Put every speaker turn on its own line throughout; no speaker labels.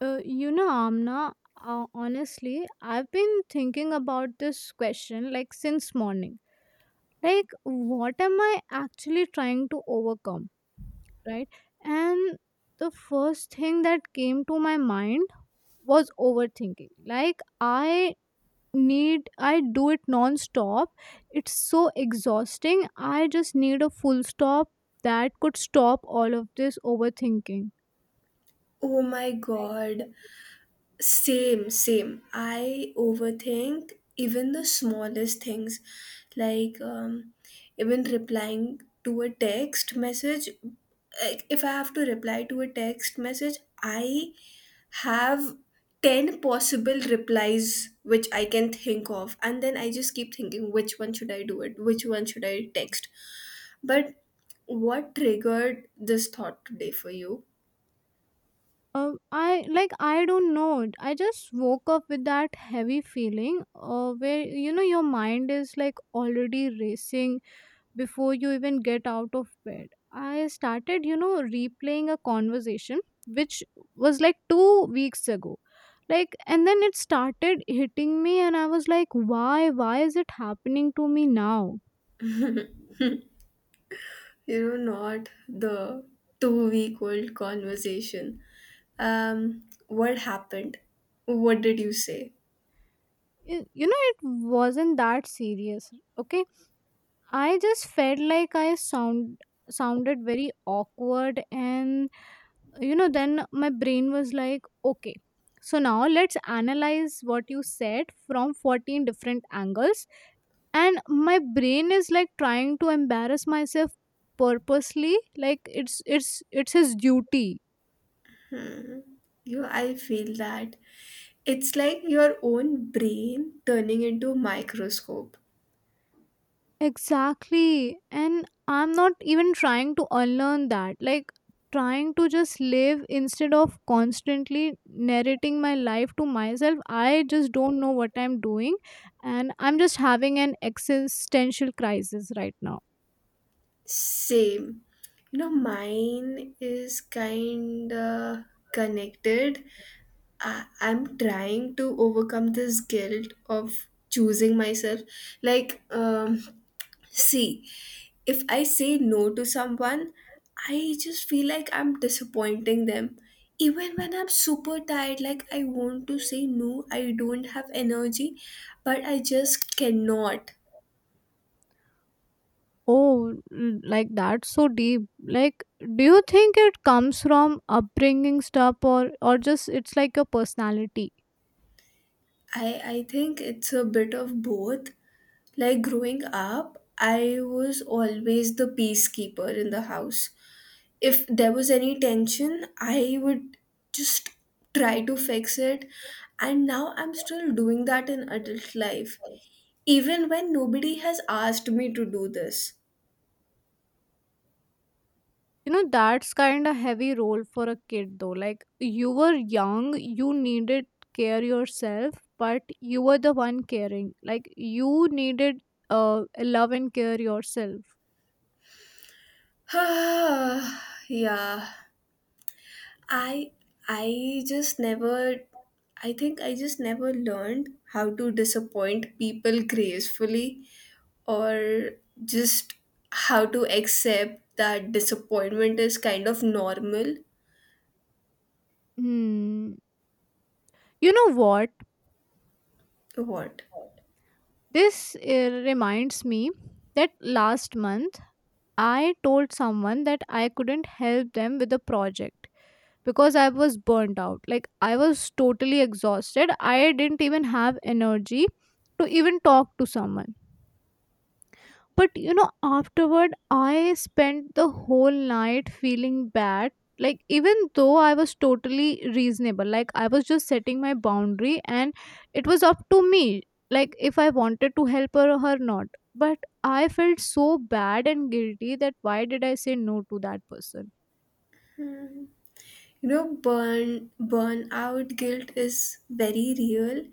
Amna, honestly, I've been thinking about this question, like, since morning. Like, what am I actually trying to overcome, right? And the first thing that came to my mind was overthinking. Like, I do it non stop. It's so exhausting. I just need a full stop that could stop all of this overthinking.
Oh my god. Same, same. I overthink even the smallest things. Like, um, even replying to a text message. Like, if I have to reply to a text message, I have 10 possible replies which I can think of. And then I just keep thinking, which one should I do it? Which one should I text? But what triggered this thought today for you?
I, like, I don't know. I just woke up with that heavy feeling, where, your mind is, like, already racing before you even get out of bed. I started, replaying a conversation which was like 2 weeks ago. Like, and then it started hitting me, and I was like, why is it happening to me now?
You know, not the 2 week old conversation. What happened? What did you say?
You know it wasn't that serious. Okay, I just felt like I sounded very awkward, and, then my brain was like, okay, so now let's analyze what you said from 14 different angles. And my brain is like trying to embarrass myself purposely, like it's his duty.
Hmm. you I feel that it's like your own brain turning into a microscope.
Exactly. And I'm not even trying to unlearn that. Like, trying to just live instead of constantly narrating my life to myself. I just don't know what I'm doing. And I'm just having an existential crisis right now.
Same. You know, mine is kind of connected. I'm trying to overcome this guilt of choosing myself. Like, um, see, if I say no to someone, I just feel like I'm disappointing them. Even when I'm super tired, like I want to say no, I don't have energy, but I just cannot.
Oh, like that's so deep. Like, do you think it comes from upbringing stuff, or just it's like your personality?
I think it's a bit of both. Like growing up, I was always the peacekeeper in the house. If there was any tension, I would just try to fix it. And now I'm still doing that in adult life, even when nobody has asked me to do this.
You know, that's kind of heavy role for a kid though. Like, you were young, you needed care yourself, but you were the one caring. Like, you needed love and care yourself.
Yeah, I I just never I think I just never learned how to disappoint people gracefully, or just how to accept that disappointment is kind of normal.
Hmm. You know what?
What?
This reminds me that last month I told someone that I couldn't help them with a project because I was burnt out. Like, I was totally exhausted. I didn't even have energy to even talk to someone. But, afterward, I spent the whole night feeling bad, like, even though I was totally reasonable. Like, I was just setting my boundary, and it was up to me. Like, if I wanted to help her or her not. But I felt so bad and guilty, that why did I say no to that person?
You know, burnout guilt is very real,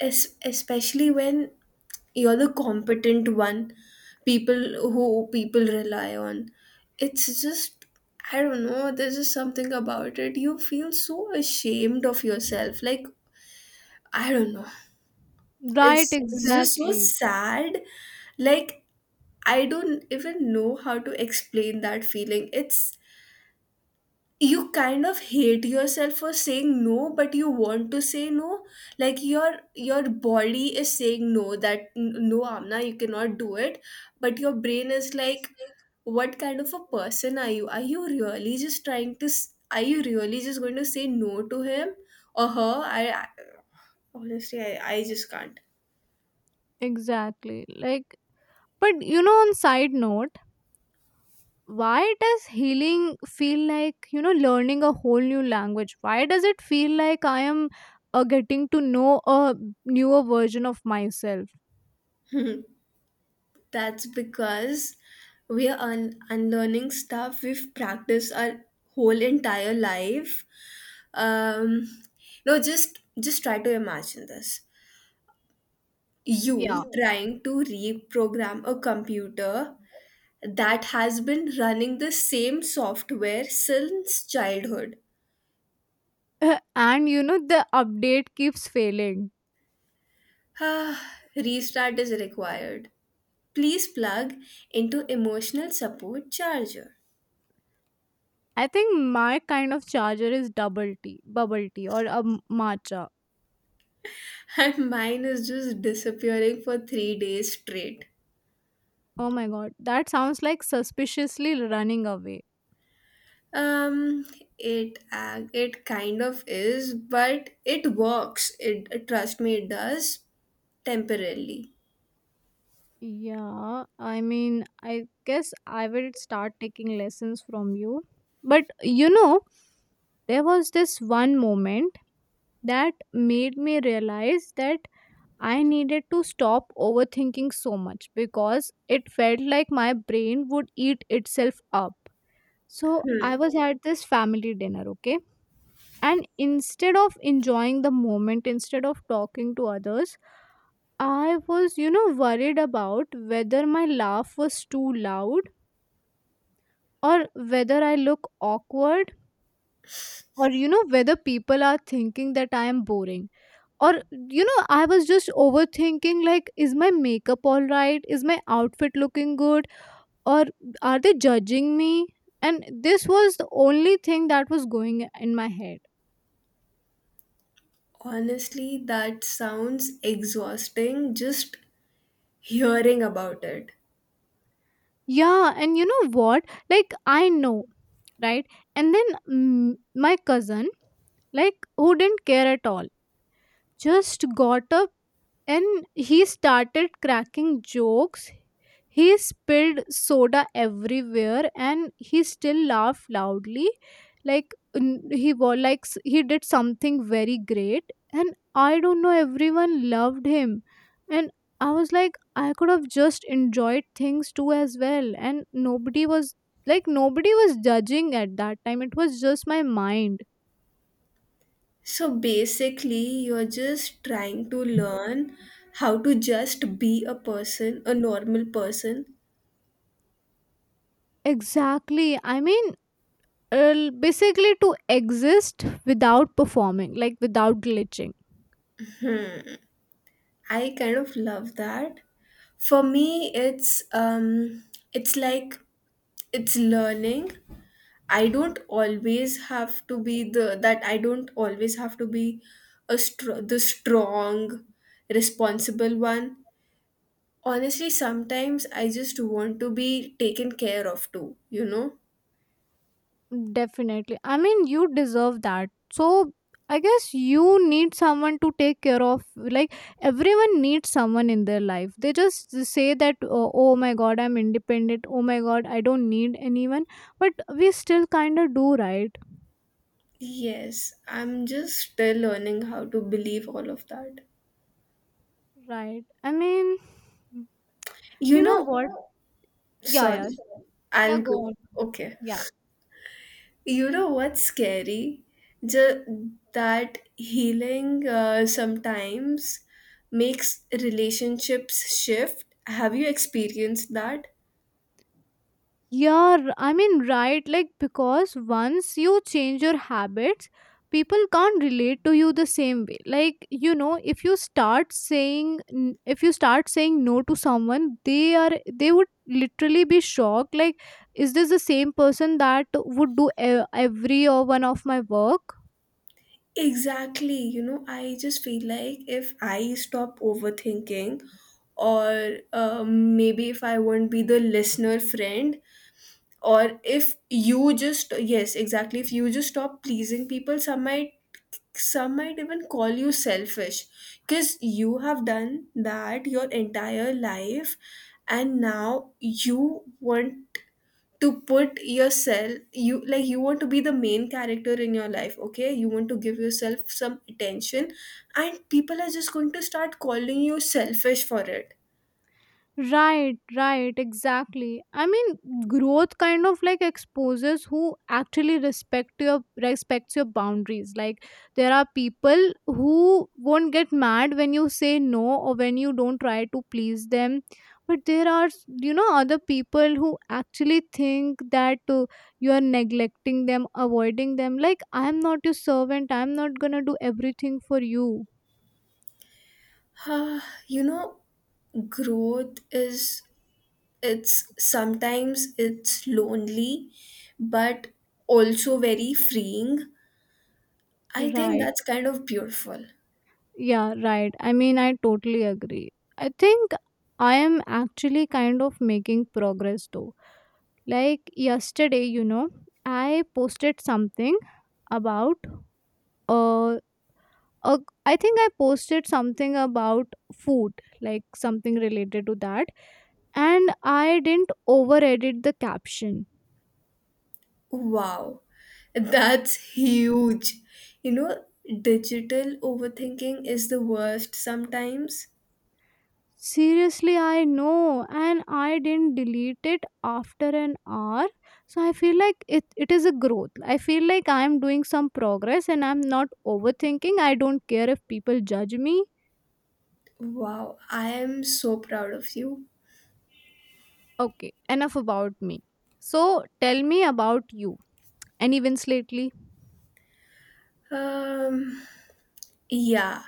especially when you're the competent one. People who people rely on. It's just I don't know. There's just something about it. You feel so ashamed of yourself. Like I don't know.
Right,
It's just so
exactly.
sad. Like I don't even know how to explain that feeling. It's you kind of hate yourself for saying no, but you want to say no. Like your body is saying no. That no, Amna, you cannot do it. But your brain is like, what kind of a person are you? Are you really just trying to are you really just going to say no to him or her? I honestly, I just can't.
Exactly, like, but, on side note, why does healing feel like, learning a whole new language? Why does it feel like I am, getting to know a newer version of myself?
That's because we are unlearning stuff we've practiced our whole entire life. Um, no, just try to imagine this.
Yeah.
You trying to reprogram a computer that has been running the same software since childhood.
And, the update keeps failing.
Ah, restart is required. Please plug into emotional support charger.
I think my kind of charger is double tea, bubble tea, or a matcha.
And mine is just disappearing for 3 days straight.
Oh my god, that sounds like suspiciously running away.
Um, it kind of is, but it works. It Trust me, it does temporarily.
Yeah, I mean, I guess I will start taking lessons from you. But, there was this one moment that made me realize that I needed to stop overthinking so much, because it felt like my brain would eat itself up. So I was at this family dinner, okay? And instead of enjoying the moment, instead of talking to others, I was, worried about whether my laugh was too loud, or whether I look awkward, or, whether people are thinking that I am boring, or, I was just overthinking, like, is my makeup all right, is my outfit looking good, or are they judging me. And this was the only thing that was going in my head.
Honestly, that sounds exhausting just hearing about it.
Yeah. And you know what? Like, I know, right? And then, my cousin, like, who didn't care at all, just got a and he started cracking jokes. He spilled soda everywhere, and he still laughed loudly. Like, he was like, he did something very great, and I don't know, everyone loved him. And I was like, I could have just enjoyed things too as well, and nobody was, like, nobody was judging at that time. It was just my mind.
So basically, you're just trying to learn how to just be a person, a normal person.
Exactly, I mean, basically to exist without performing, like without glitching.
I kind of love that. For me, it's like it's learning. I don't always have to be the that I don't always have to be a the strong, responsible one. Honestly, sometimes I just want to be taken care of too. You know.
Definitely, I mean, you deserve that. So I guess you need someone to take care of. Like, everyone needs someone in their life. They just say that, oh my god, I'm independent, oh my god, I don't need anyone, but we still kind of do, right?
Yes, I'm just still learning how to believe all of that.
Right, I mean.
You
You know
know,
what? Yeah, yeah,
sorry,
yeah,
I'll
go
go.
on.
Okay.
Yeah.
You know what's scary? That healing sometimes makes relationships shift. Have you experienced that?
Yeah, I mean, right. Like, because once you change your habits, people can't relate to you the same way. Like, if you start saying, n- if you start saying no to someone, they would literally be shocked. Like, is this the same person that would do every or one of my work?
Exactly. You know, I just feel like if I stop overthinking, or maybe if I won't be the listener friend, or if you just yes exactly if you just stop pleasing people, some might even call you selfish, because you have done that your entire life, and now you want to put yourself you like you want to be the main character in your life. Okay, you want to give yourself some attention, and people are just going to start calling you selfish for it.
Right, right, exactly. I mean, growth kind of like exposes who actually respects your boundaries. Like, there are people who won't get mad when you say no, or when you don't try to please them. But there are, other people who actually think that, you are neglecting them, avoiding them. Like, I am not your servant. I am not gonna do everything for you.
Ah, you know growth is it's sometimes it's lonely, but also very freeing. I think
Right.
that's kind of beautiful.
Yeah, right. I mean, I totally agree. I think I am actually kind of making progress though. Like, yesterday, I posted something about uh, uh I think I posted something about food, like something related to that, and I didn't over edit the caption.
Wow, that's huge. You know, digital overthinking is the worst sometimes.
Seriously, I know, and I didn't delete it after an hour. So I feel like it is a growth. I feel like I'm doing some progress, and I'm not overthinking. I don't care if people judge me.
Wow, I am so proud of you.
Okay, enough about me. So tell me about you and events lately.
um yeah,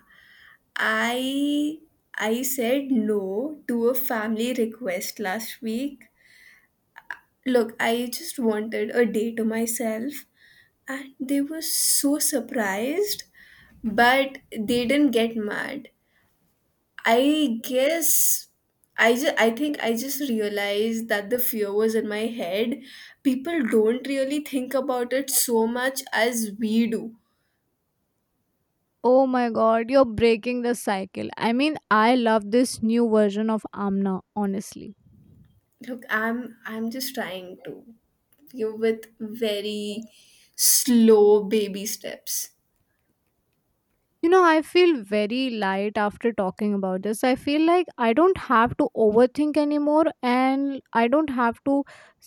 I said no to a family request last week. Look, I just wanted a day to myself, and they were so surprised, but they didn't get mad. I guess I think I just realized that the fear was in my head. People don't really think about it so much as we do.
Oh my god, you're breaking the cycle. I mean, I love this new version of Amna, honestly.
Look, I'm just trying to, you know, with very slow baby steps.
You know, I feel very light after talking about this. I feel like I don't have to overthink anymore, and I don't have to,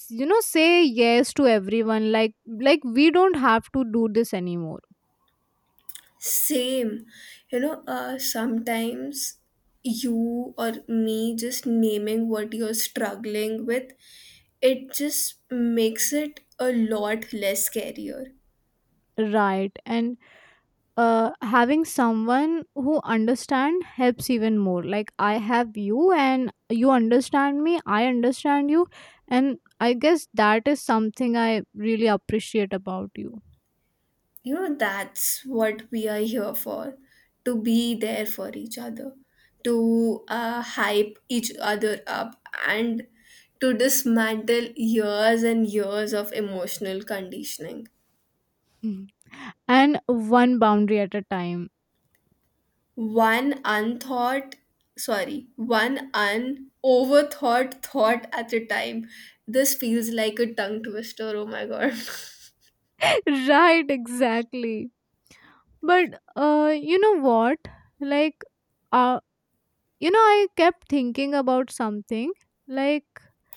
say yes to everyone, like we don't have to do this anymore.
Same. You know, sometimes you or me just naming what you're struggling with, it just makes it a lot less scarier.
Right. And, having someone who understand helps even more. Like, I have you, and you understand me, I understand you, and I guess that is something I really appreciate about you.
You know, that's what we are here for, to be there for each other, to hype each other up, and to dismantle years and years of emotional conditioning.
Mhm. And one boundary at a time.
One unthought, sorry, one unoverthought thought at a time. This feels like a tongue twister. Oh my god.
Right, exactly. But, you know what? Like, uh, I kept thinking about something. Like,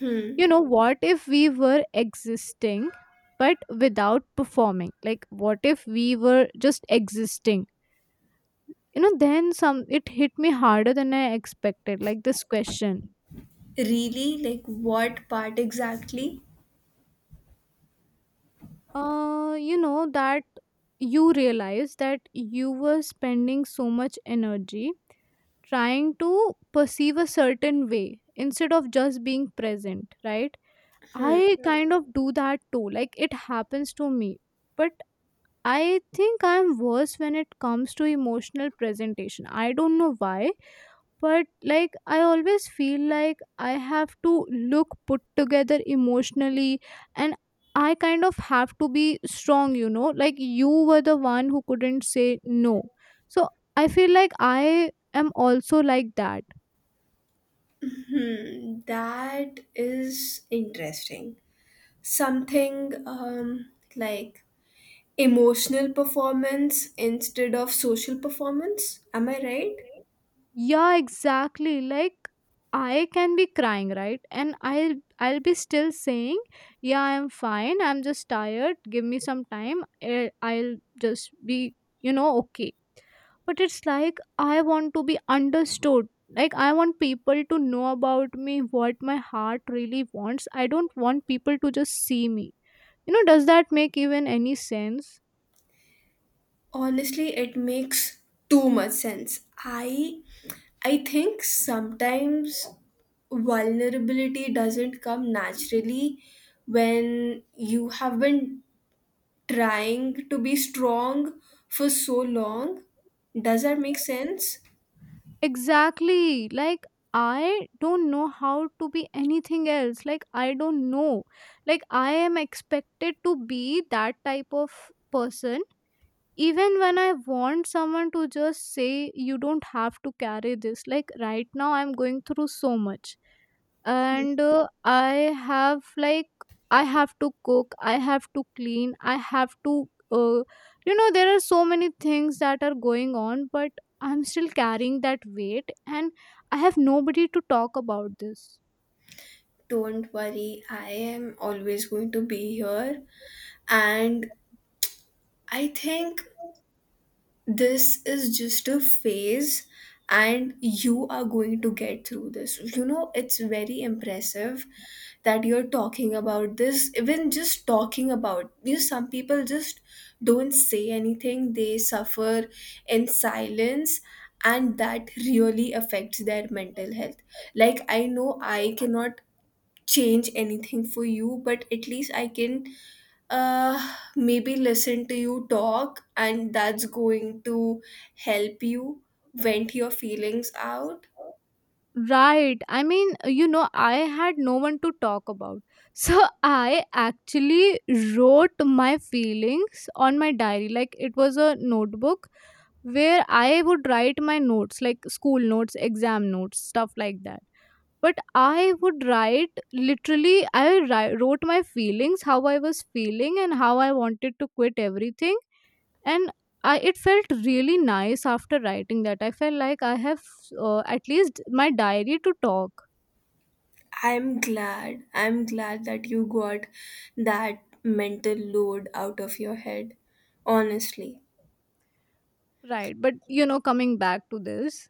Hmm.
what if we were existing but without performing? Like, what if we were just existing? You know, then some it hit me harder than I expected. Like, this question.
Really? Like what part exactly?
That you realize that you were spending so much energy trying to perceive a certain way instead of just being present, right? I
Hmm.
Kind of do that too, like it happens to me. But I think I'm worse when it comes to emotional presentation. I don't know why, but, like, I always feel like I have to look put together emotionally, and I kind of have to be strong, like, you were the one who couldn't say no. So I feel like I am also like that.
Hmm. That is interesting. Something like emotional performance instead of social performance. Am I right?
Yeah, exactly. Like, I can be crying, right, and I'll be still saying, yeah, I'm fine, I'm just tired, give me some time, I'll just be, okay. But it's like, I want to be understood. Like, I want people to know about me, what my heart really wants. I don't want people to just see me. Does that make even any sense?
Honestly, it makes too much sense. I think sometimes vulnerability doesn't come naturally when you have been trying to be strong for so long. Does that make sense?
Exactly. Like, I don't know how to be anything else. Like, I don't know. Like, I am expected to be that type of person, even when I want someone to just say, you don't have to carry this, like, right now I'm going through so much. And, I have to cook, I have to clean, I have to, there are so many things that are going on. But I'm still carrying that weight, and I have nobody to talk about this.
Don't worry, I am always going to be here, and I think this is just a phase, and you are going to get through this. You know, it's very impressive that you're talking about this. Even just talking about, you know, some people just don't say anything. They suffer in silence, and that really affects their mental health. Like I know I cannot change anything for you, but at least I can, maybe, listen to you talk, and that's going to help you vent your feelings out.
Right. I mean, I had no one to talk about. So I actually wrote my feelings on my diary. Like, it was a notebook where I would write my notes, like school notes, exam notes, stuff like that. But I would write literally, I wrote my feelings, how I was feeling, and how I wanted to quit everything. And it felt really nice after writing that. I felt like I have, at least my diary to talk.
I'm glad that you got that mental load out of your head, honestly.
Right. But, coming back to this,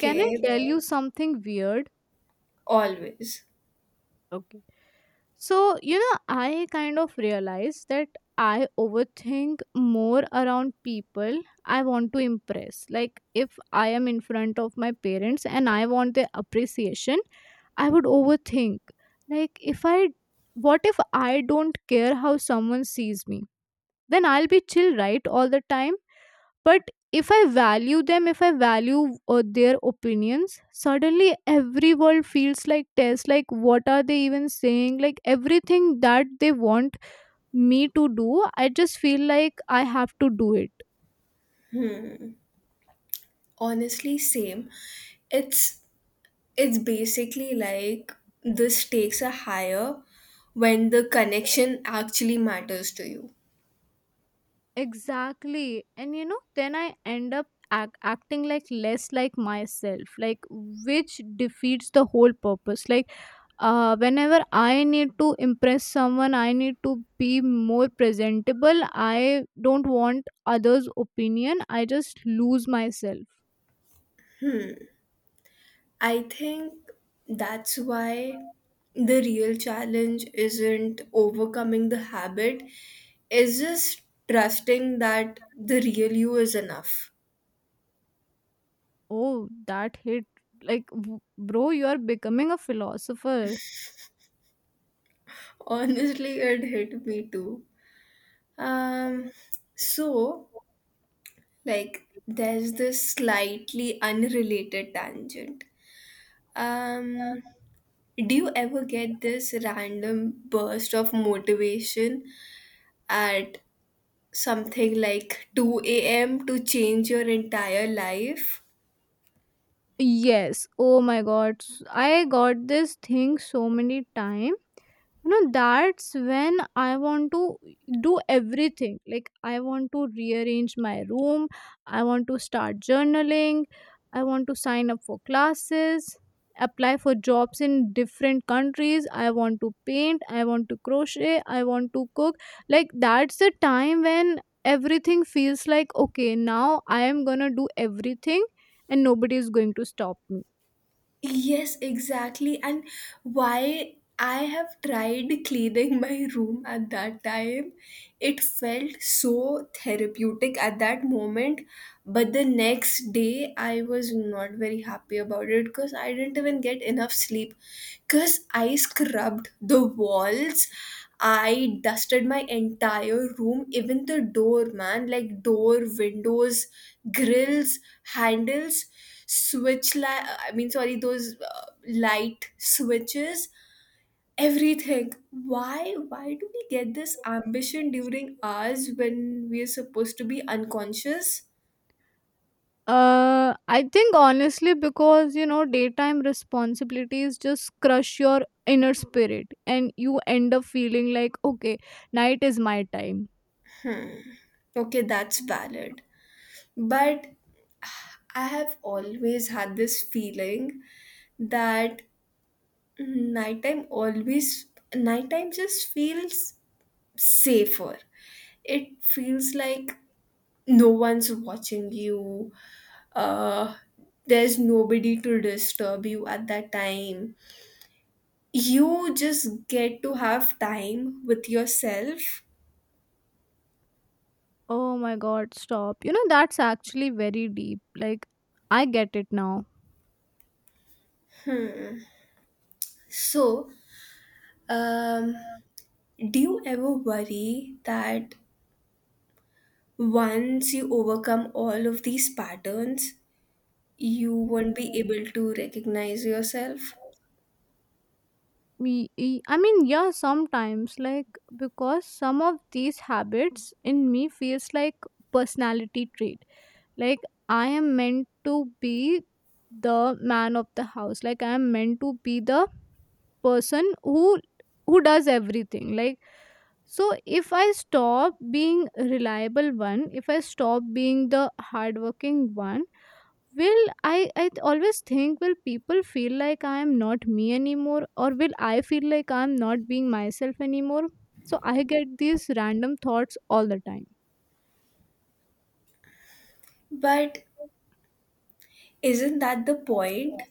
can I tell you something weird?
Always.
Okay. So, I kind of realized that I overthink more around people I want to impress. Like, if I am in front of my parents and I want their appreciation, I would overthink. Like, if I, what if I don't care how someone sees me? Then I'll be chill, right, all the time? But if I value them, if I value their opinions, suddenly every word feels like test, like what are they even saying, like everything that they want me to do I just feel like I have to do it.
Honestly same. it's It's basically like this takes a higher when the connection actually matters to you.
Exactly, and you know then I end up acting like less like myself, like which defeats the whole purpose. Like whenever I need to impress someone, I need to be more presentable. I don't want others' opinion. I just lose myself.
I think that's why the real challenge isn't overcoming the habit, it's just trusting that the real you is enough.
Oh, that hit. Like, bro, you are becoming a philosopher.
Honestly, it hit me too. Um, so like there's this slightly unrelated tangent. Um, Do you ever get this random burst of motivation at something like 2 a.m. to change your entire life?
Yes. Oh my god. I got this thing so many times. You know, that's when I want to do everything. Like I want to rearrange my room, I want to start journaling, I want to sign up for classes, apply for jobs in different countries, I want to paint, I want to crochet, I want to cook. Like that's the time when everything feels like, okay, now I am going to do everything and nobody is going to stop me.
Yes, exactly. And why I have tried cleaning my room at that time, it felt so therapeutic at that moment. But the next day, I was not very happy about it because I didn't even get enough sleep. Because I scrubbed the walls, I dusted my entire room, even the door, man, like door, windows, grills, handles, I mean sorry, those light switches, everything. Why do we get this ambition during hours when we are supposed to be unconscious?
I think honestly, because you know, daytime responsibilities just crush your inner spirit, and you end up feeling like, okay, night is my time.
Okay, that's valid. But I have always had this feeling that nighttime always nighttime just feels safer. It feels like no one's watching you, uh, there's nobody to disturb you at that time. You just get to have time with yourself.
Oh my god, stop. You know, that's actually very deep. Like, I get it now.
So, um, do you ever worry that once you overcome all of these patterns, you won't be able to recognize yourself?
I mean, yeah, sometimes, like, because some of these habits in me feels like personality traits. Like I am meant to be the man of the house. Like I am meant to be the person who does everything. Like so if I stop being reliable one, if I stop being the hardworking one, will I always think, will people feel like I am not me anymore, or will I feel like I am not being myself anymore? So I get these random thoughts all the time.
But isn't that the point?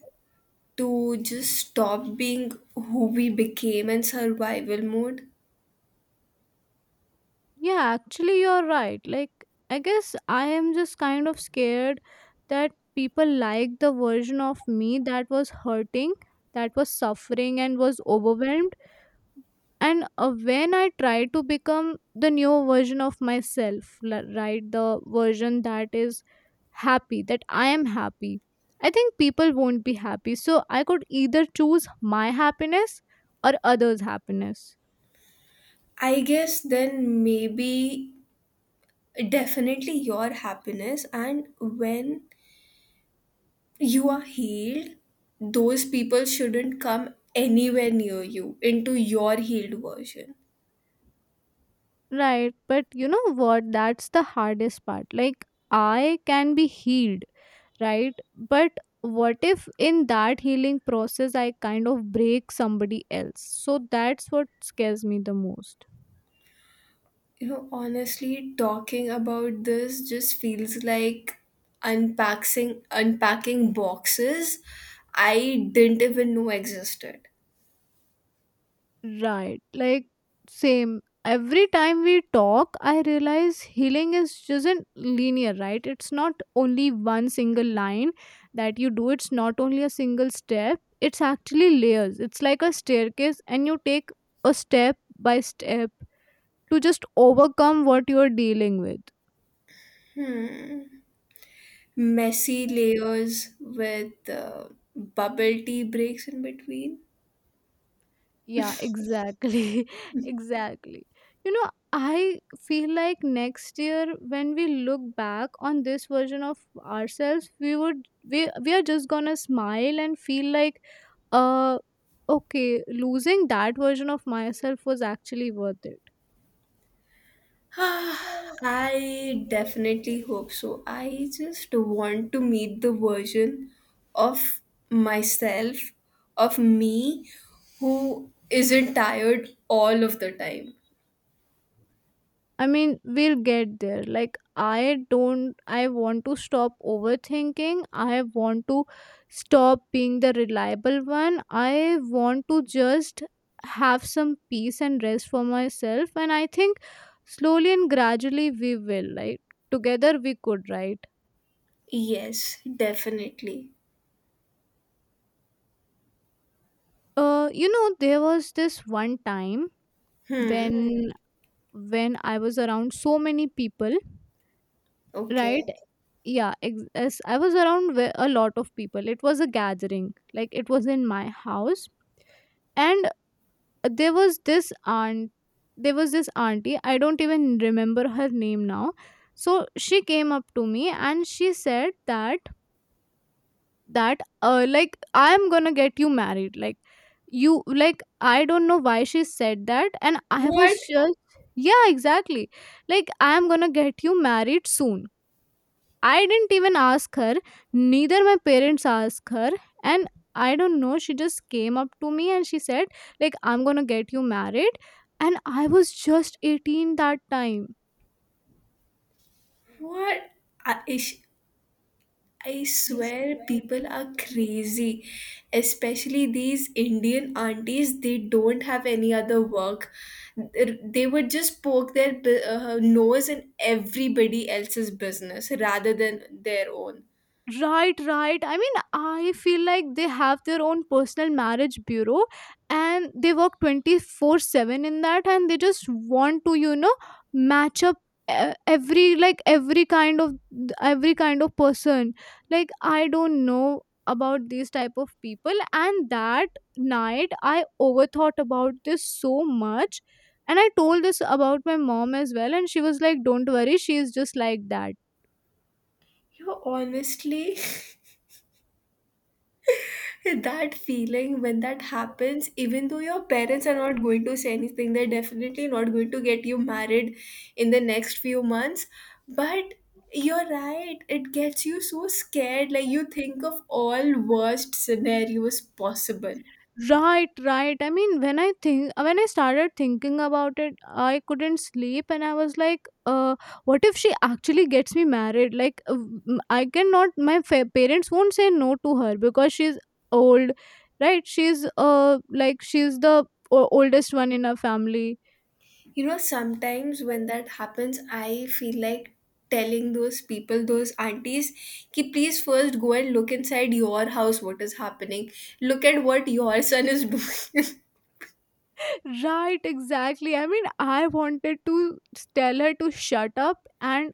To just stop being who we became in survival mode?
Yeah, actually, you're right. Like, I guess I am just kind of scared that people like the version of me that was hurting, that was suffering, and was overwhelmed. And when I try to become the new version of myself, right, the version that is happy, that I am happy, I think people won't be happy. So I could either choose my happiness or others' happiness.
I guess then maybe definitely your happiness, and when you are healed, those people shouldn't come anywhere near you into your healed version.
Right, but you know what? That's the hardest part. Like, I can be healed, right? But what if in that healing process I kind of break somebody else? So that's what scares me the most.
You know, honestly, talking about this just feels like unpacking boxes I didn't even know existed.
Right. Like, same. Every time we talk, I realize healing is just not linear, right? It's not only one single line that you do, it's not only a single step, it's actually layers. It's like a staircase, and you take a step by step to just overcome what you're dealing with.
Hmm, messy layers with bubble tea breaks in between.
Yeah, exactly. Exactly. You know, I feel like next year when we look back on this version of ourselves, we would we are just gonna smile and feel like uh okay, losing that version of myself was actually worth it.
Ah, I definitely hope so. I just want to meet the version of myself, of me, who isn't tired all of the time.
I mean, we'll get there. Like, I don't, I want to stop overthinking. I want to stop being the reliable one. I want to just have some peace and rest for myself. And I think slowly and gradually we will, like, together we could, right?
Yes, definitely.
You know, there was this one time
Hmm.
when I was around so many people,
Okay.
right? Yeah, yes, I was around with a lot of people. It was a gathering, like it was in my house. And there was this aunt there was this auntie, I don't even remember her name now. So she came up to me and she said that like I am going to get you married. Like you, like I don't know why she said that, and I was
What?
just, yeah exactly, like I am going to get you married soon. I didn't even ask her, neither my parents asked her, and I don't know, she just came up to me and she said, like, I'm gonna get you married. And I was just 18 that time.
What? I, is. I swear people are crazy, especially these Indian aunties. They don't have any other work. They would just poke their nose in everybody else's business rather than their own.
Right, right. I mean, I feel like they have their own personal marriage bureau and they work 24/7 in that, and they just want to, you know, match up every, like every kind of person. Like I don't know about these type of people, and that night I overthought about this so much. And I told this about my mom as well, and she was like, don't worry, she is just like that.
You know, honestly, that feeling when that happens, even though your parents are not going to say anything, they're definitely not going to get you married in the next few months. But you're right, it gets you so scared. Like you think of all worst scenarios possible.
Right, right. I mean, when I think, when I started thinking about it, I couldn't sleep, and I was like, uh, "What if she actually gets me married? Like, I cannot. My parents won't say no to her because she's old, right? She's like she's the oldest one in her family."
You know, sometimes when that happens, I feel like telling those people, those aunties, ki please first go and look inside your house what is happening. Look at what your son is doing.
Right, exactly. I mean, I wanted to tell her to shut up and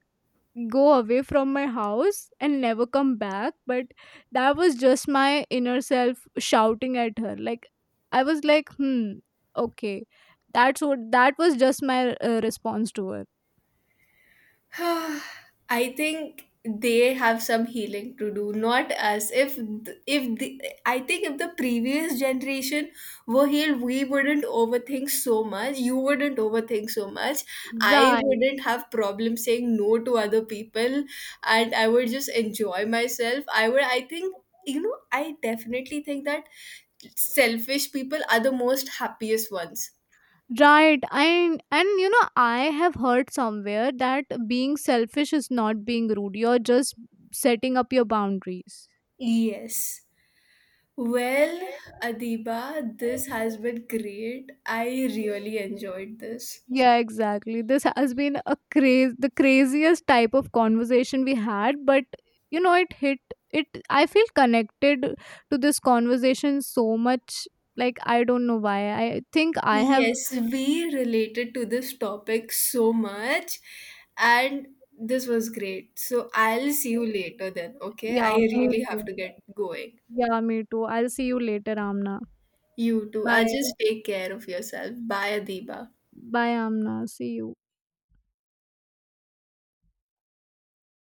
go away from my house and never come back, but that was just my inner self shouting at her. Like I was like, hmm, okay, that's what, that was just my response to her.
I think they have some healing to do. Not us. If the, I think if the previous generation were healed, we wouldn't overthink so much. You wouldn't overthink so much. I
Right,
wouldn't have problem saying no to other people, and I would just enjoy myself. I would. I think, you know. I definitely think that selfish people are the most happiest ones.
right. And you know, I have heard somewhere that being selfish is not being rude, you're just setting up your boundaries.
Yes. Well, Adiba, this has been great. I really enjoyed this.
Yeah, exactly. This has been a the craziest type of conversation we had, but you know, it hit it. I feel connected to this conversation so much. Like I don't know why. I think I have.
Yes, we related to this topic so much, and this was great. So I'll see you later then, okay? I
Yeah, me
really have
too.
to get going.
Yeah, me too. I'll see you later, Amna.
You too. I
Bye.
Just take care of yourself. Bye, Adiba.
Bye, Amna. See you.